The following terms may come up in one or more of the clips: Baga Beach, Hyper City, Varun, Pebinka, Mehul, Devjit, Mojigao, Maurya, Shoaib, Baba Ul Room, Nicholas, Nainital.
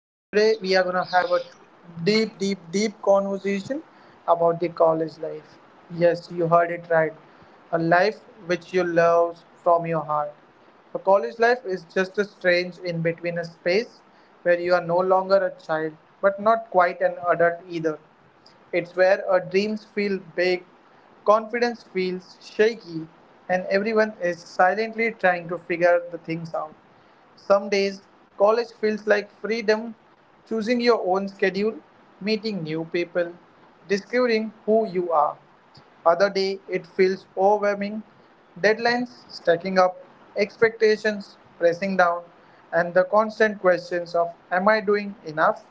Today, we are going to have a deep, deep, deep conversation about the college life. Yes, you heard it right. A life which you love from your heart. A college life is just a strange in between a space where you are no longer a child, but not quite an adult either. It's where our dreams feel big, confidence feels shaky, and everyone is silently trying to figure the things out. Some days, college feels like freedom, choosing your own schedule, meeting new people, discovering who you are. Other day, it feels overwhelming, deadlines stacking up, expectations pressing down, and the constant questions of, am I doing enough?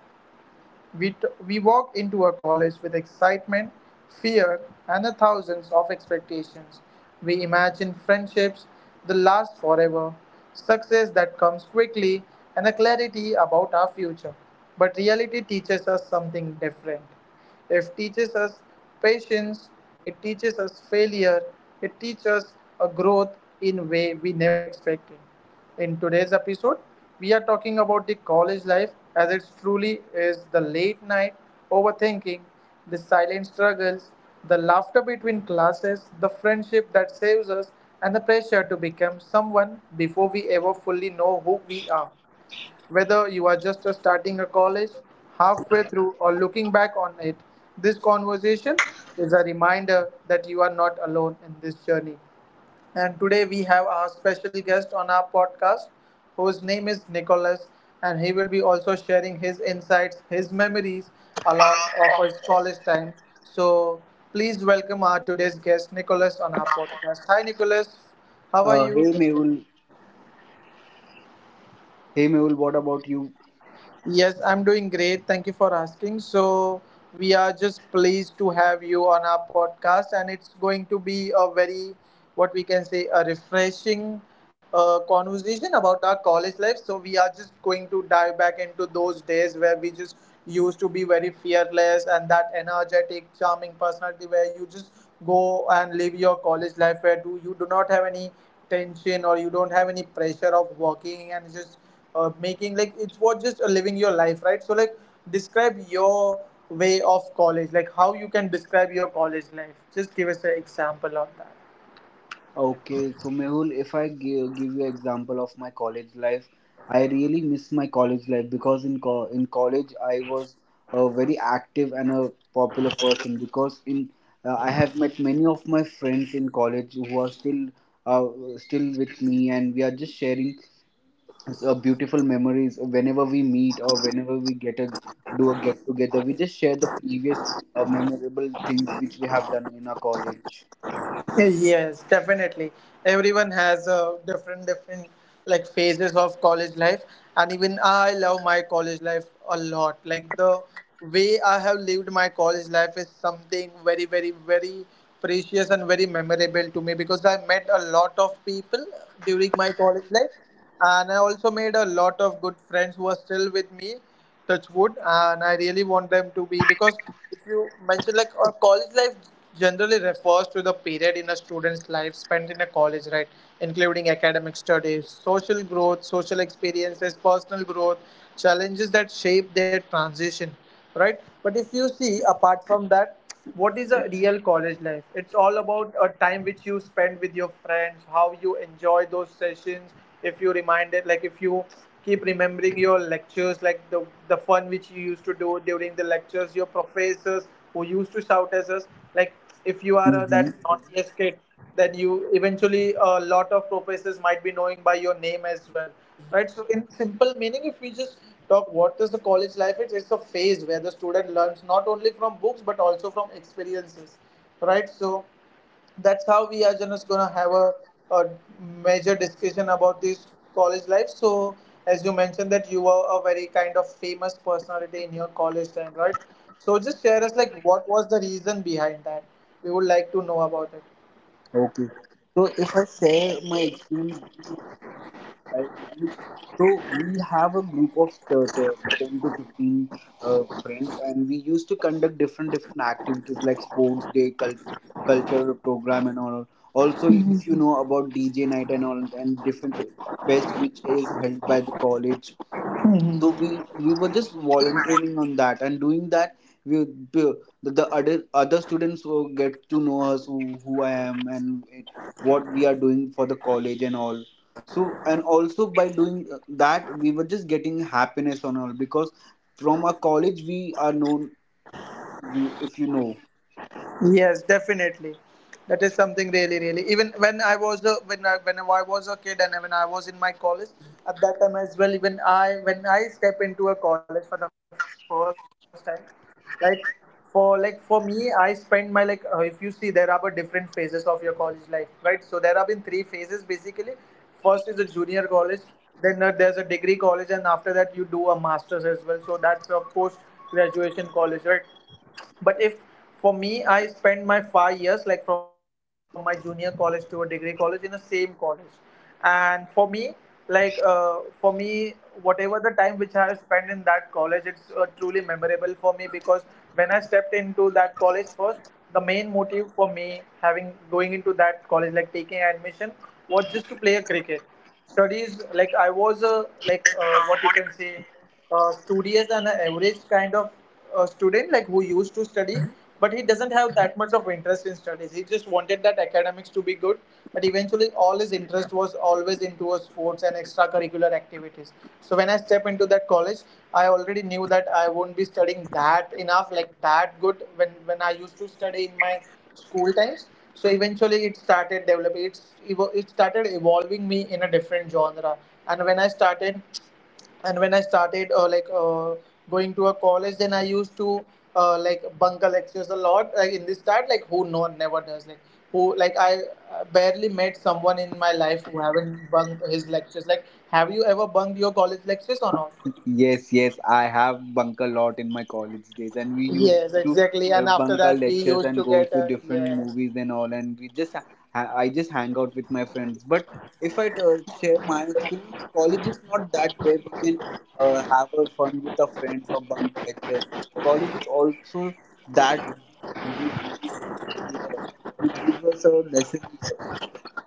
We walked into our college with excitement, fear, and the thousands of expectations. We imagined friendships that last forever, success that comes quickly, and a clarity about our future. But reality teaches us something different. It teaches us patience, it teaches us failure, it teaches us a growth in way we never expected. In today's episode, we are talking about the college life as it truly is, the late night overthinking, the silent struggles, the laughter between classes, the friendship that saves us, and the pressure to become someone before we ever fully know who we are. Whether you are just starting a college, halfway through, or looking back on it, this conversation is a reminder that you are not alone in this journey. And today we have our special guest on our podcast, whose name is Nicholas, and he will be also sharing his insights, his memories along of his college time. So please welcome our today's guest, Nicholas, on our podcast. Hi, Nicholas. How are you? Hey Mehul, what about you? Yes, I'm doing great. Thank you for asking. So, we are just pleased to have you on our podcast, and it's going to be a very, what we can say, a refreshing conversation about our college life. So, we are just going to dive back into those days where we just used to be very fearless and that energetic, charming personality where you just go and live your college life where do you do not have any tension or you don't have any pressure of working and just making, like, it was just living your life, right? So like describe your way of college, like how you can describe your college life. Just give us an example of that. Okay, so Mehul, if I give you example of my college life, I really miss my college life because in college I was a very active and a popular person because in I have met many of my friends in college who are uh, still with me, and we are just sharing so beautiful memories whenever we meet or whenever we get a do a get together. We just share the previous memorable things which we have done in our college. Yes, definitely. Everyone has different different like phases of college life, and even I love my college life a lot. Like the way I have lived my college life is something very very very precious and very memorable to me because I met a lot of people during my college life, and I also made a lot of good friends who are still with me, touch wood, and I really want them to be. Because if you mention, like, a college life generally refers to the period in a student's life spent in a college, right? Including academic studies, social growth, social experiences, personal growth, challenges that shape their transition, right? But if you see, apart from that, what is a real college life? It's all about a time which you spend with your friends, how you enjoy those sessions. If you remind it, like, if you keep remembering your lectures, like the fun which you used to do during the lectures, your professors who used to shout at us, like, if you are Mm-hmm. that naughtiest kid, that you eventually a lot of professors might be knowing by your name as well, right? So in simple meaning, if we just talk what is the college life, it's a phase where the student learns not only from books but also from experiences, right? So that's how we are just gonna have a major discussion about this college life. So as you mentioned that you were a very kind of famous personality in your college time, right? So just share us like what was the reason behind that. We would like to know about it. Okay. So if I share my experience with my friends, so we have a group of 10 to 15 friends, and we used to conduct different activities like sports day, culture program, and all. Also, if you know about DJ night and all, and different fest which is held by the college, so we were just volunteering on that and doing that. We the, the other students will get to know us, who I am and it, what we are doing for the college and all. So, and also by doing that, we were just getting happiness on all, because from our college we are known, you, if you know. Yes, definitely. That is something really, really. Even when I was a, when I was a kid and when I was in my college, at that time as well, even I, when I step into a college for the first time, like, for like for me, I spend my, like, if you see there are but different phases of your college life, right? So there have been three phases basically. First is a junior college, then there's a degree college, and after that you do a master's as well. So that's a post graduation college, right? But if, for me, I spent my 5 years, like from my junior college to a degree college, in the same college. And for me, for me, whatever the time which I have spent in that college, it's truly memorable for me because when I stepped into that college first, the main motive for me having going into that college, like taking admission, was just to play a cricket. Studies, like I was a like what you can say studious and an average kind of student, like who used to study, but he doesn't have that much of interest in studies. He just wanted that academics to be good, but eventually all his interest was always into a sports and extracurricular activities. So when I step into that college, I already knew that I won't be studying that enough, like that good when I used to study in my school times. So eventually, it started developing. It started evolving me in a different genre. And when I started and when I started going to a college, then I used to like bunker lectures a lot, like in this start, like who no never does, like who, like I barely met someone in my life who haven't bunked his lectures. Like, have you ever bunked your college lectures or not? Yes, yes, I have bunk a lot in my college days, and we used Yes, to exactly. And after bunk our that we lectures used and to go get to different yes. movies and all, and I just hang out with my friends. But if I share my experience, college is not that where we can have a fun with our friends or bunk lectures. College is also that which, uh, which, uh, which gives us a lesson,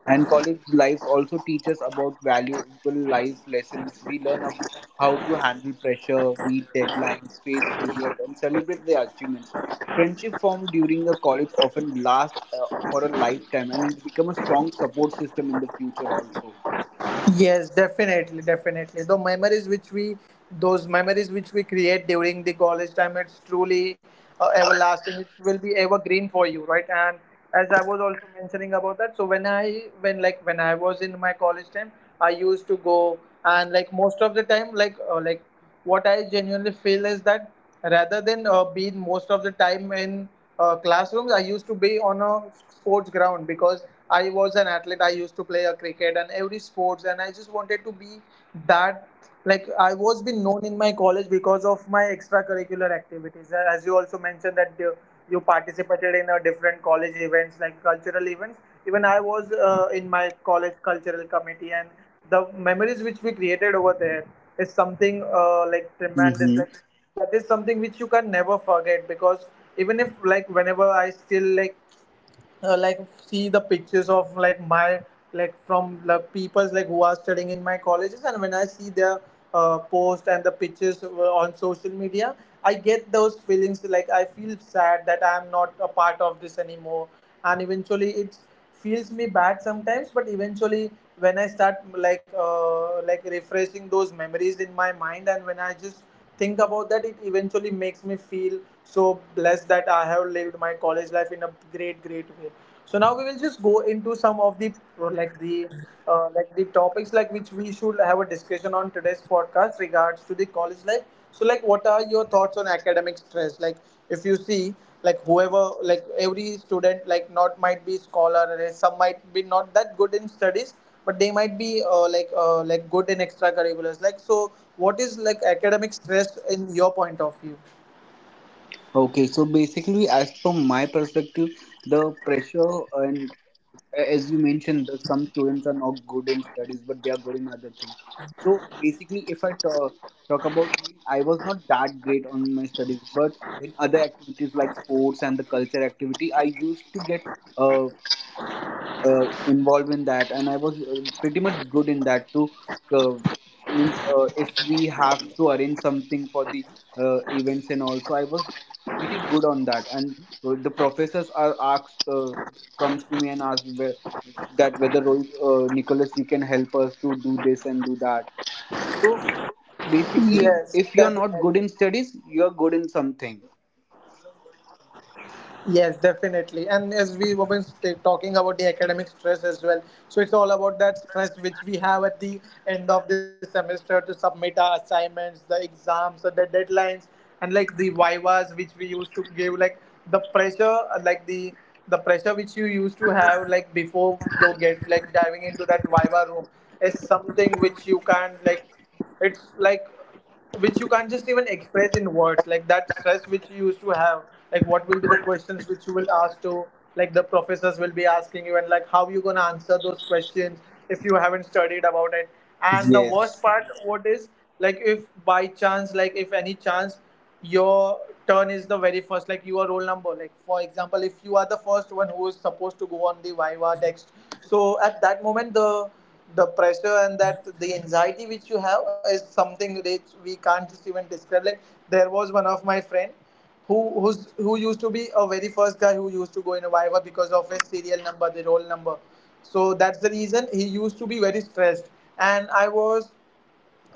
and college life also teaches about valuable life lessons. We learn how to handle pressure, meet deadlines, face failures, and celebrate their achievements. Friendship formed during the college often lasts for a lifetime, and it become a strong support system in the future also. Yes, definitely, definitely. The memories those memories which we create during the college time, it's truly everlasting. It will be evergreen for you, right? And as I was also mentioning about that, so when I was in my college time, I used to go and, like, most of the time, what I genuinely feel is that rather than being most of the time in classrooms, I used to be on a sports ground because I was an athlete. I used to play a cricket and every sports, and I just wanted to be that. Like I was being known in my college because of my extracurricular activities. As you also mentioned that you participated in a different college events, like cultural events. Even I was in my college cultural committee, and the memories which we created over there is something like tremendous. Like that is something which you can never forget because even if, like, whenever I still like uh, like see the pictures of, like, my, like from the peoples like who are studying in my colleges, and when I see their post and the pictures on social media, I get those feelings, like, I feel sad that I am not a part of this anymore. And eventually it feels me bad sometimes. But eventually, when I start refreshing those memories in my mind, and when I just think about that, it eventually makes me feel so blessed that I have lived my college life in a great, great way. So now we will just go into some of the, like the topics like which we should have a discussion on today's podcast regards to the college life. So like what are your thoughts on academic stress? Like if you see, like whoever, like every student, like not might be scholar and some might be not that good in studies, but they might be good in extracurriculars. Like, so what is, like, academic stress in your point of view? Okay, so basically, as from my perspective, the pressure, and as you mentioned that some students are not good in studies, but they are good in other things. So basically, if I talk about me, I was not that great on my studies, but in other activities like sports and the culture activity, I used to get uh, involved in that, and I was pretty much good in that too. uh, Means if we have to arrange something for the events, and also I was pretty good on that. And the professors are asked comes to me and asks that whether Rohit, Nicholas, you can help us to do this and do that. So basically, Yes, if you're not definitely. good in studies, you're good in something. Yes, definitely. And as we were talking about the academic stress as well, so it's all about that stress which we have at the end of the semester to submit our assignments, the exams, or the deadlines, and like the vivas which we used to give, like the pressure, like the pressure which you used to have like before you get like diving into that viva room is something which you can't like it's like which you can't just even express in words like that stress which you used to have like what will be the questions which you will ask to like the professors will be asking you and like how you gonna answer those questions if you haven't studied about it. And the worst Yes. part what is like if by chance like if any chance your turn is the very first like your roll number like for example if you are the first one who is supposed to go on the viva next, so at that moment the pressure and that the anxiety which you have is something which we can't just even describe. Like there was one of my friend who used to be a very first guy who used to go in a viva because of his serial number the roll number, so that's the reason he used to be very stressed. And I was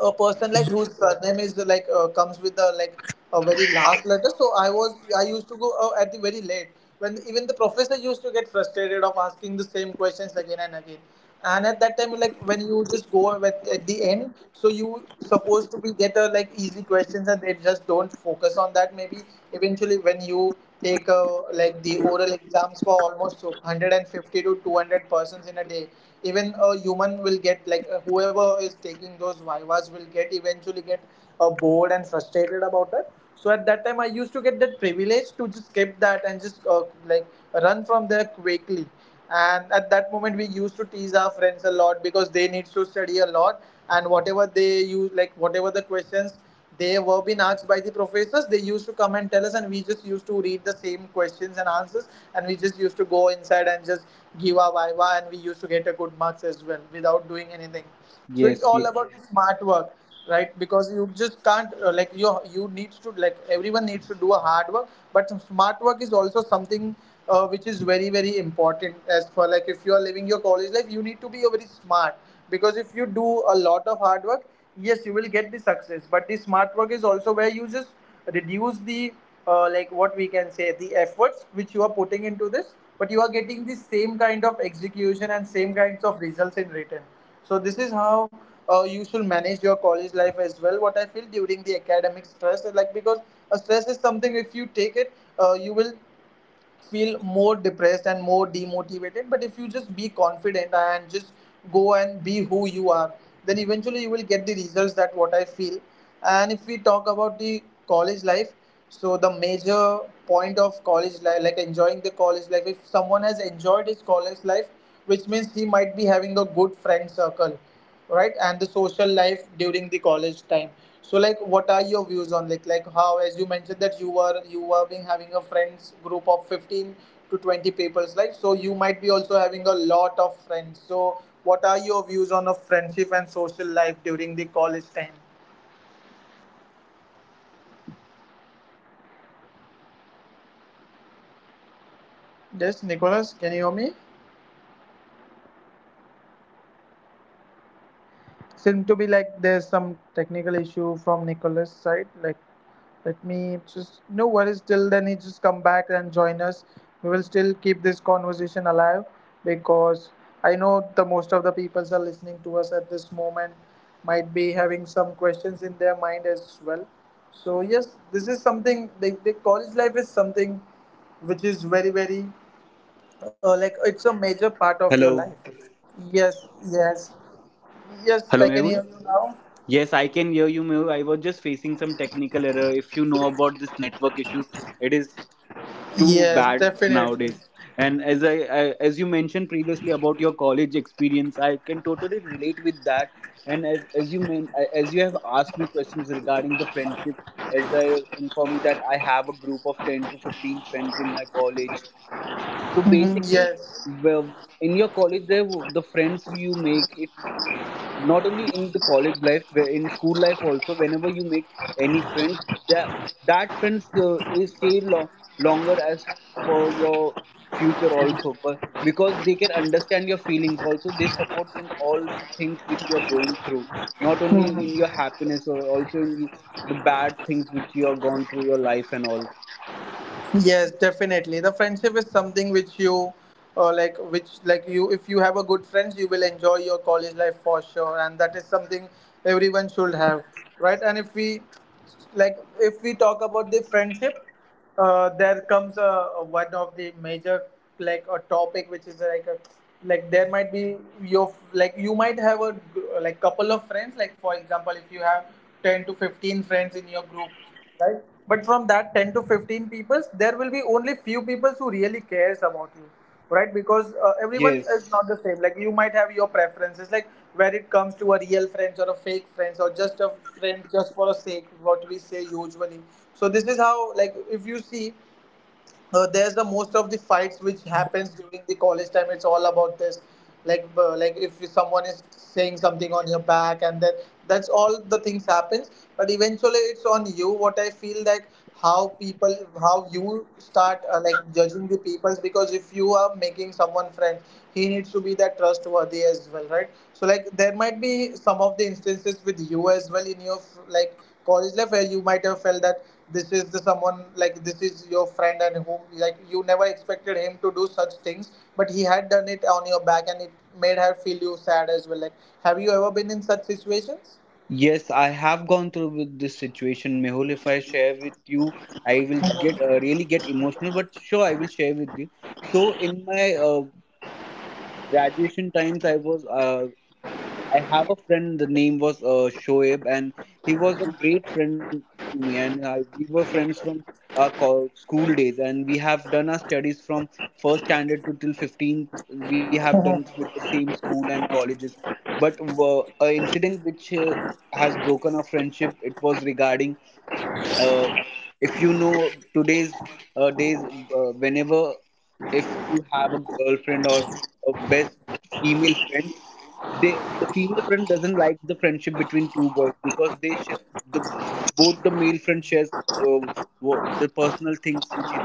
a person like whose surname is like comes with the like a very last letter, so I used to go at the very late when even the professor used to get frustrated of asking the same questions again and again. And at that time like when you just go at the end, so you supposed to be get a like easy questions and they just don't focus on that maybe eventually when you take like the oral exams for almost 150 to 200 persons in a day, even a human will get like whoever is taking those vivas will get eventually get bored and frustrated about it. So at that time I used to get that privilege to just skip that and just like run from there quickly. And at that moment we used to tease our friends a lot because they need to study a lot. And whatever they use like whatever the questions they were being asked by the professors, they used to come and tell us, and we just used to read the same questions and answers. And we just used to go inside and just give our viva, and we used to get a good marks as well without doing anything. So it's Yes, all ye- about the smart work, right? Because you just can't like you need to like everyone needs to do a hard work, but some smart work is also something which is very very important as for like if you are living your college life you need to be very smart. Because if you do a lot of hard work, yes you will get the success, but the smart work is also where you just reduce the like what we can say the efforts which you are putting into this, but you are getting the same kind of execution and same kinds of results in return. So this is how you should manage your college life as well, what I feel during the academic stress. Like because a stress is something if you take it you will feel more depressed and more demotivated. But if you just be confident and just go and be who you are, then eventually you will get the results, that what I feel. And if we talk about the college life, so the major point of college life like enjoying the college life if someone has enjoyed his college life, which means he might be having a good friend circle, right? And the social life during the college time, so like what are your views on like how as you mentioned that you were being having a friends group of 15 to 20 people's like, so you might be also having a lot of friends. So what are your views on a friendship and social life during the college time? okay. So basically, I can totally relate with whatever you have just mentioned on this podcast. And as you mentioned, Yes, what is. Nicholas, can you hear me? Yes, yes, I can hear you, Mehul. Can you hear me? Seem Hello, to be like there's some technical issue from Nicholas' hello, side. Like, let hello, me just no worries. Till then, he just come back and join us. We will still keep this conversation alive hello. Mehul, because can you I hear me? know the most of the people are listening to us at this moment might be having some questions in their mind as well. So Hello, yes, Mehul. this is something. The college life is something which is very very like it's a major part of your Hello, life. Yes, yes. hello, Yes, I can Mehul. hear you now. Yes, I can hear you, Mehul. I was just facing some technical error. If you know about this network issues, it is too Yes, bad nowadays. definitely. And as I as you mentioned previously about your college experience, I can totally relate with that. And as you have asked me questions regarding the friendship, as I inform you that I have a group of 10 to 15 friends in my college. So Mhm, basically, yes. well, in your college, there the friends you make it, not only in the college life where in school life also, whenever you make any friends, that that friends is stay longer as for your future also, but because they can understand your feelings also, they supports in all the things which you are going through, not only in your happiness or also in the bad things which you are gone through your life and all. Yes, definitely. The friendship is something which you, like, which like you, if you have a good friends, you will enjoy your college life for sure, and that is something everyone should have, right? And if we, like, if we talk about the friendship, there comes a one of the major like a topic which is like a like there might be your like you might have a like couple of friends like for example if you have 10 to 15 friends in your group, right? But from that 10 to 15 people, there will be only few people who really cares about you, right? Because everyone is Yes. not the same. Like you might have your preferences, like where it comes to a real friends or a fake friends or just a friend just for a sake, what we say usually. So this is how, like, if you see there's the most of the fights which happens during the college time, it's all about this. Like like if someone is saying something on your back and then that's all the things happens. But eventually it's on you, what I feel. Like how people how you start like judging the peoples. Because if you are making someone friend, he needs to be that trustworthy as well, right? So like there might be some of the instances with you as well in your like college life where you might have felt that this is the someone like this is your friend and whom like you never expected him to do such things but he had done it on your back and it made her feel you sad as well. Like have you ever been in such situations? Yes, I have gone through with this situation, Mehul. If I share with you, I will get really get emotional. But sure, I will share with you. So in my graduation times, I have a friend. The name was Shoaib, and he was a great friend to me. And we were friends from our school days, and we have done our studies from first standard to till 15th. We have done with the same school and colleges. But a incident which has broken our friendship. It was regarding uh, if you know today's days whenever, if you have a girlfriend or a best female friend, the female friend doesn't like the friendship between two boys because they share the both the male friend shares the personal things which either.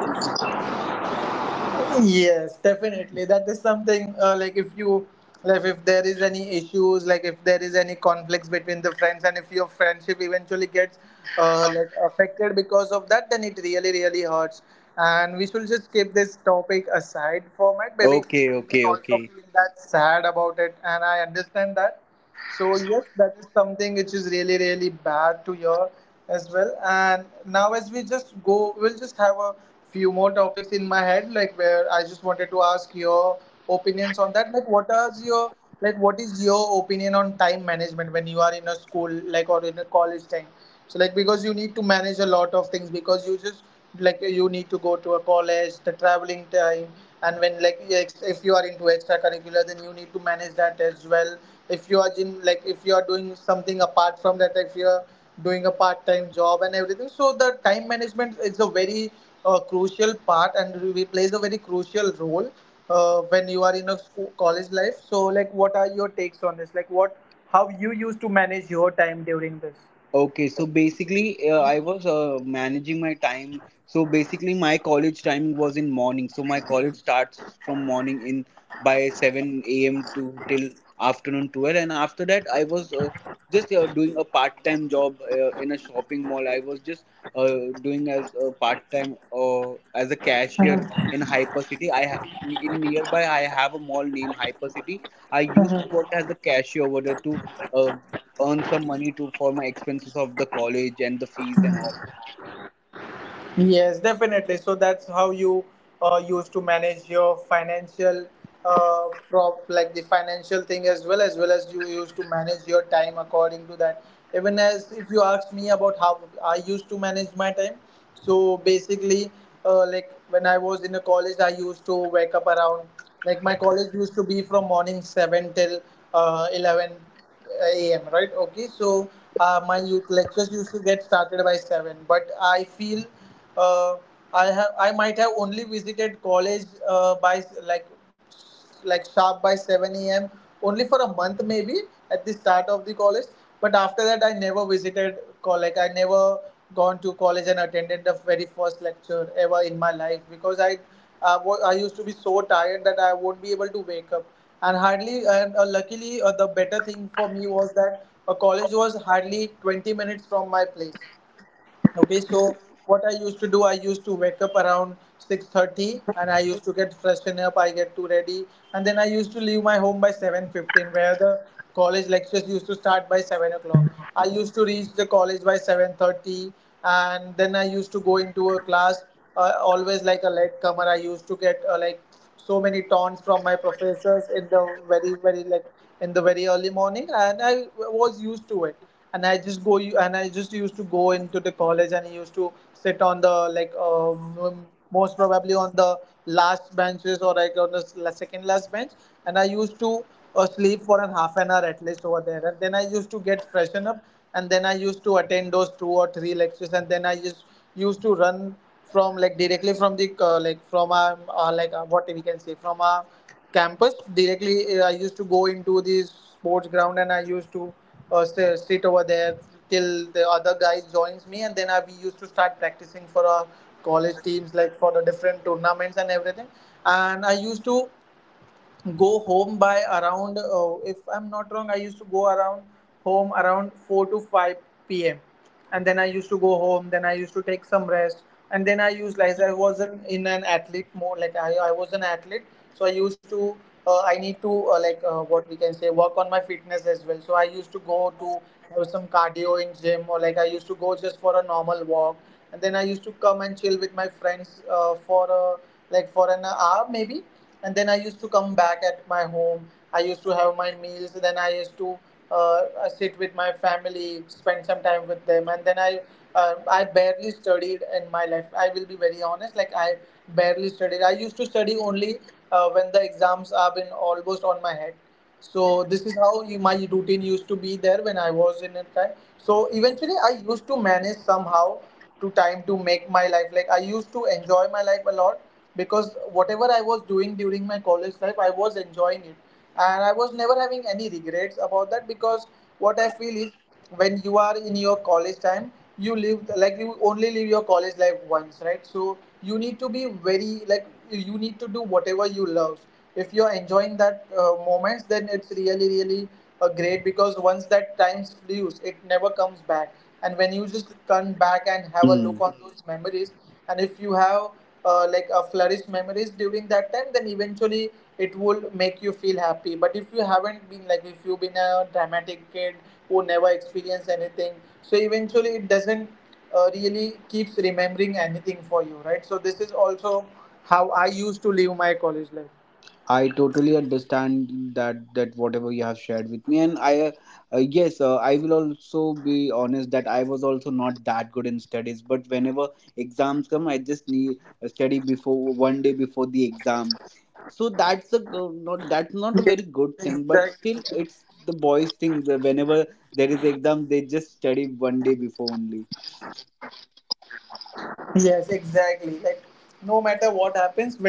Yes, definitely. That is something like if you like if there is any issues, like if there is any conflicts between the friends, and if your friendship eventually gets like affected because of that, then it really really hurts. And we should just keep this topic aside for my baby. Okay, You will okay, also okay. feel that sad about it, and I understand that. So yes, that is something which is really really bad to hear as well. And now as we just go, we'll just have a few more topics in my head, like where I just wanted to ask your opinions on that. Like, what are your like what is your opinion on time management when you are in a school like or in a college time? So like because you need to manage a lot of things because you just like you need to go to a college the traveling time and when like if you are into extracurricular then you need to manage that as well. If you are in like if you are doing something apart from that if you are doing a part-time job and everything, so the time management is a very crucial part and plays a very crucial role when you are in a school, college life. So like what are your takes on this like what how you used to manage your time during this? Okay, so basically, I was managing my time. So basically, my college time was in morning. So my college starts from morning in by 7 a.m. to till afternoon 12, and after that, I was just doing a part-time job in a shopping mall. I was just doing as a part-time as a cashier in Hyper City. In nearby, I have a mall named Hyper City. I used to work as the cashier over there to uh, earn some money to for my expenses of the college and the fees and all. Yes, definitely. So that's how you used to manage your financial like the financial thing as well as well as you used to manage your time according to that. Even as if you asked me about how I used to manage my time, so basically, like when I was in the college, I used to wake up around like my college used to be from morning seven till 11 a.m., right. Okay, so my youth lectures used to get started by seven, but I feel uh, I might have only visited college by like sharp by seven a.m. only for a month maybe at the start of the college. But after that, I never visited college. I never gone to college and attended the very first lecture ever in my life, because I I used to be so tired that I won't be able to wake up and hardly and luckily the better thing for me was that a college was hardly 20 minutes from my place. Okay, so what I used to do, I used to wake up around 6:30 and I used to get freshen up, I get too ready, and then I used to leave my home by 7:15 where the college lectures used to start by 7 o'clock. I used to reach the college by 7:30 and then I used to go into a class always like a late comer. I used to get like so many taunts from my professors in the very, very, in the very early morning, and I was used to it. And I just used to go into the college, and I used to sit on the most probably on the last benches, or like on the second last bench. And I used to sleep for an half an hour at least over there, and then I used to get freshen up and then I used to attend those two or three lectures. And then I just used to run from, like, directly from the like from a like what we can say, from a campus directly. I used to go into the sports ground and I used to sit over there till the other guys joins me. And then we used to start practicing for our college teams, like for the different tournaments and everything. And I used to go home by around, if I'm not wrong, I used to go around home around 4 to 5 p.m. And then I used to go home, then I used to take some rest. And then I used like I wasn't in an athlete mode. I was an athlete, so I used to I need to what we can say, work on my fitness as well. So I used to go to have some cardio in gym, or like I used to go just for a normal walk. And then I used to come and chill with my friends like for an hour maybe. And then I used to come back at my home. I used to have my meals. Then I used to uh, sit with my family, spend some time with them, and then I barely studied in my life. I will be very honest. Like, I barely studied. I used to study only when the exams are been almost on my head. So this is how you, my routine used to be there when I was in a time. So eventually, I used to manage somehow to time to make my life. Like, I used to enjoy my life a lot because whatever I was doing during my college life, I was enjoying it, and I was never having any regrets about that. Because what I feel is, when you are in your college time, you live, like, you only live your college life once, right? So you need to be very, like, you need to do whatever you love. If you're enjoying that moments, then it's really, really, great, because once that time flews, it never comes back. And when you just come back and have a look Mm. on those memories, and if you have flourish memories during that time, then eventually it will make you feel happy. But if you haven't been, like, if you've been a dramatic kid who never experienced anything, so eventually it doesn't really keeps remembering anything for you, right? So this is also how I used to live my college life. I totally understand that whatever you have shared with me, and I yes, I will also be honest that I was also not that good in studies. But whenever exams come, I just need study before one day before the exam. So Yes, exactly. that's not a very good thing, but still it's the boys thing where whenever there is exam, they just study one day before only. Yes, exactly. Like, no matter what happens, when you are in a college,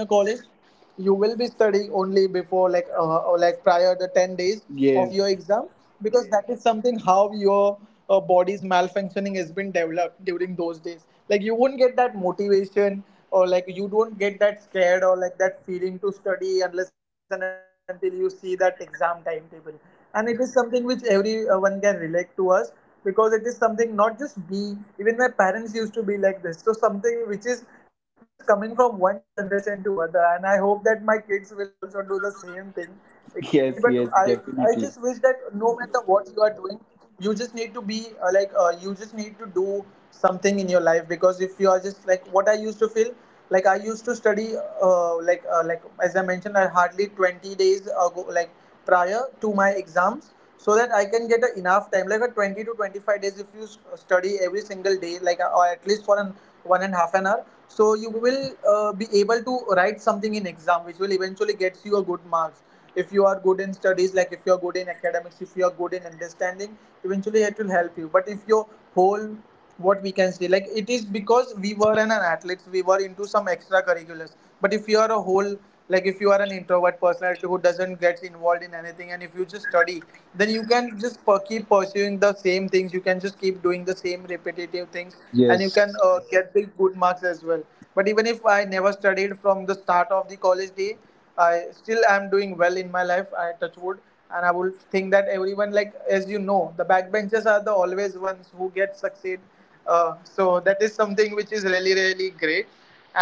you will be studying only before, like, or like prior the 10 days of your exam. Yes. Because that is something how your body's malfunctioning has been developed during those days. Like, you won't get that motivation, or like you don't get that scared, or like that feeling to study unless and until you see that exam timetable. And it is something which everyone can relate to us, because it is something not just me, even my parents used to be like this. So something which is just coming from one generation to other, and I hope that my kids will also do the same thing exactly. But i Yes, yes, i just wish that definitely, no matter what you are doing, you just need to be you just need to do something in your life. Because if you are just like what I used to feel, like I used to study uh, like uh, like as I mentioned, I hardly 20 days ago, like prior to my exams, so that I can get a enough time, like a 20 to 25 days. If you study every single day, like or at least for an one and half an hour, so you will be able to write something in exam, which will eventually gets you a good marks. If you are good in studies, like if you are good in academics, if you are good in understanding, eventually it will help you. But if your whole, what we can say, like it is because we were an athletes, we were into some extracurriculars. But if you are a whole, like if you are an introvert personality who doesn't get involved in anything, and if you just study, then you can just keep pursuing the same things, you can just keep doing the same repetitive things, and you yes. can get the good marks as well. But even if I never studied from the start of the college day, I still am doing well in my life. I touch wood. And I would think that everyone, like as you know, the backbenchers are the always ones who get succeed. So that is something which is really, really, great,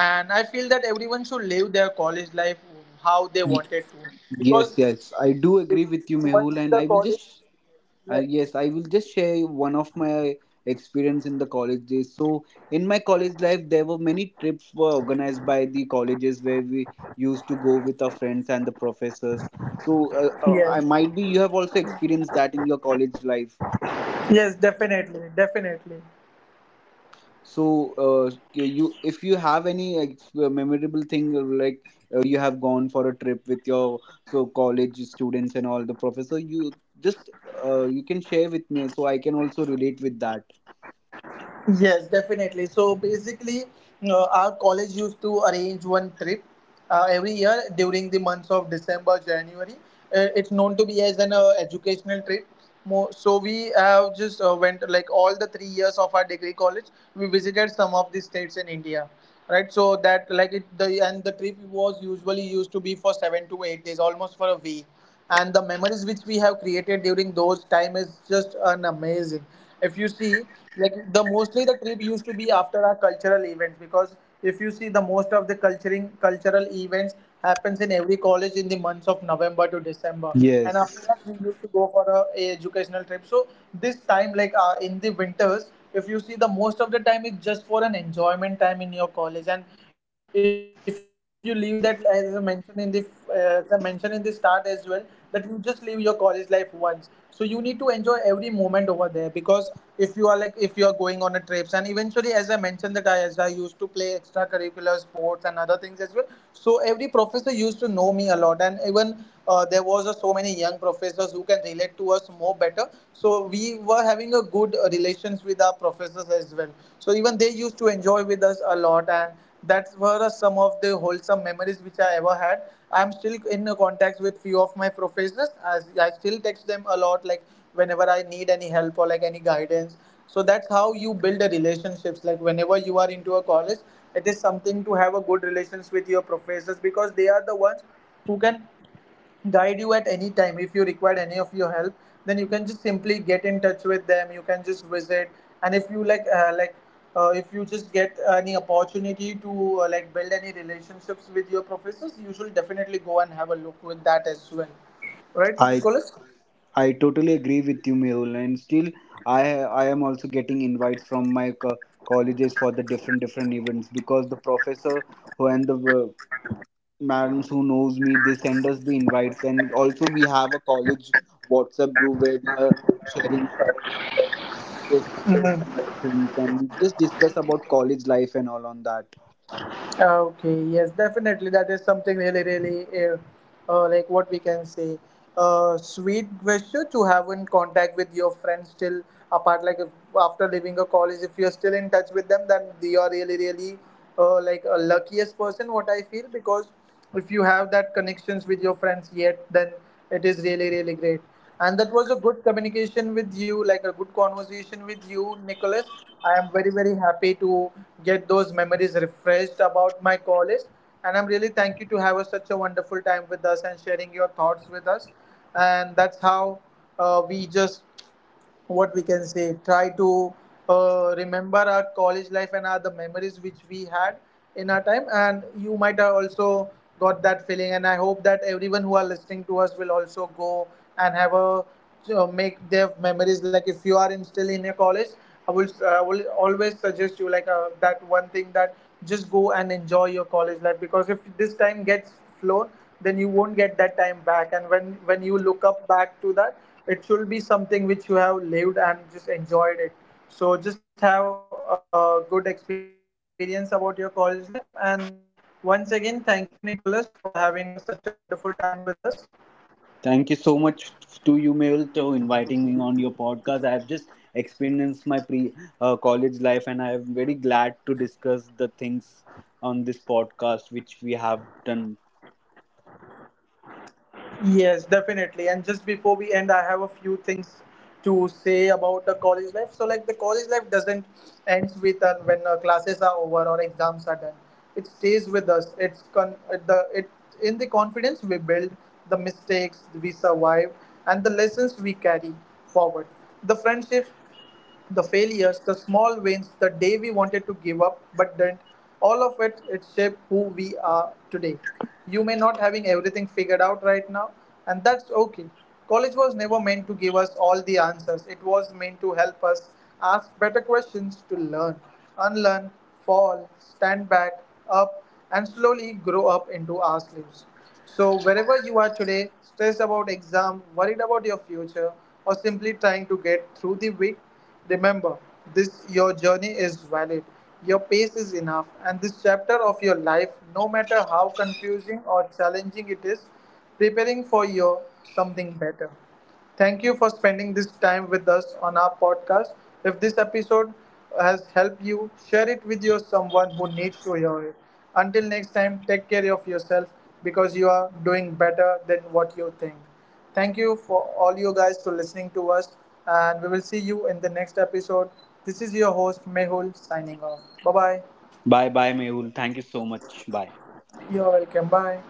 and I feel that everyone should live their college life how Y- they wanted to, yes, because yes, I do agree with you, because Mehul, once and I the will college just. Is. Yes, I will just share one of my experience in the college days. So, in my college life, there were many trips were organized by the colleges where we used to go with our friends and the professors. So, I might Yes, be you have also experienced that in your college life. yes, definitely, definitely. So, you, you if you have any memorable thing, you have gone for a trip with your so college students and all the professor, just you can share with me so I can also relate with that. Yes, definitely. So basically, our college used to arrange one trip every year during the months of December, January. It's known to be as an educational trip. So we have just went, like, all the 3 years of our degree college. We visited some of the states in India, right? So that, like it the, and the trip was usually used to be for 7 to 8 days, almost for a week. And the memories which we have created during those time is just an amazing, if you see. Like, the mostly the trip used to be after our cultural events, because if you see the most of the culturing cultural events happens in every college in the months of November to December. And after Yes, that we used to go for a educational trip. So this time, like in the winters, if you see the most of the time it's just for an enjoyment time in your college. And if you leave that, as I mentioned in the as I mentioned in the start as well, that you just live your college life once, so you need to enjoy every moment over there. Because if you are like, if you are going on a trips, and eventually as I mentioned that I as I used to play extracurricular sports and other things as well, so every professor used to know me a lot. And even there was so many young professors who can relate to us more better, so we were having a good relations with our professors as well. So even they used to enjoy with us a lot, and that were some of the wholesome memories which I ever had. I'm still in contact with few of my professors, as I still text them a lot, like whenever I need any help or like any guidance. So that's how you build a relationships. Like, whenever you are into a college, it is something to have a good relations with your professors, because they are the ones who can guide you at any time if you require any of your help. Then you can just simply get in touch with them, you can just visit. And if you, like if you just get any opportunity to like build any relationships with your professors, you should definitely go and have a look with that as well, right, I Nicholas? I totally agree with you, Mehul. And still, I am also getting invites from my colleges for the different events, because the professor who and the madams who knows me, they send us the invites, and also we have a college WhatsApp group where we are sharing our previous memorable things, and we just discuss about college life and all on that. Okay, yes, definitely. That is something really, really, what we can say, sweet gesture to have in contact with your friends still apart. Like, if after leaving a college, if you're still in touch with them, then you are really, really, like a luckiest person, what I feel. Because if you have that connections with your friends yet, then it is really really great. And that was a good communication with you, like a good conversation with you, Nicholas. I am very, very happy to get those memories refreshed about my college, and I'm really thank you to have such a wonderful time with us, and sharing your thoughts with us. And that's how we just what we can say, try to remember our college life and our the memories which we had in our time. And you might have also got that feeling, and I hope that everyone who are listening to us will also go and have a make their memories. Like, if you are still in your college, I will I will always suggest you, like that one thing, that just go and enjoy your college life. Because if this time gets flown, then you won't get that time back. And when you look up back to that, it should be something which you have lived and just enjoyed it. So just have a good experience about your college life. And once again, thank you, Nicholas, for having such a wonderful time with us. Thank you so much to you, Mehul, to inviting me on your podcast. I have just experienced my pre college life, and I am very glad to discuss the things on this podcast which we have done. Yes, definitely. And just before we end, I have a few things to say about the college life. So, like, the college life doesn't end with when classes are over or exams are done. It stays with us. It's con- the it in the confidence we build, the mistakes we survive, and the lessons we carry forward. The friendships, the failures, the small wins, the day we wanted to give up but didn't, all of it, it shaped who we are today. You may not having everything figured out right now, and that's okay. College was never meant to give us all the answers. It was meant to help us ask better questions, to learn, unlearn, fall, stand back, up, and slowly grow up into ourselves. So, wherever you are today, stressed about exam, worried about your future, or simply trying to get through the week, remember this, your journey is valid. Your pace is enough, and this chapter of your life, no matter how confusing or challenging it is, preparing for your something better. Thank you for spending this time with us on our podcast. If this episode has helped you, share it with your someone who needs to hear it. Until next time, take care of yourself, because you are doing better than what you think. Thank you for all you guys to listening to us, and we will see you in the next episode. This is your host, Mehul, signing off. Bye bye. Bye, bye, Mehul. Thank you so much. Bye. You're welcome. Bye.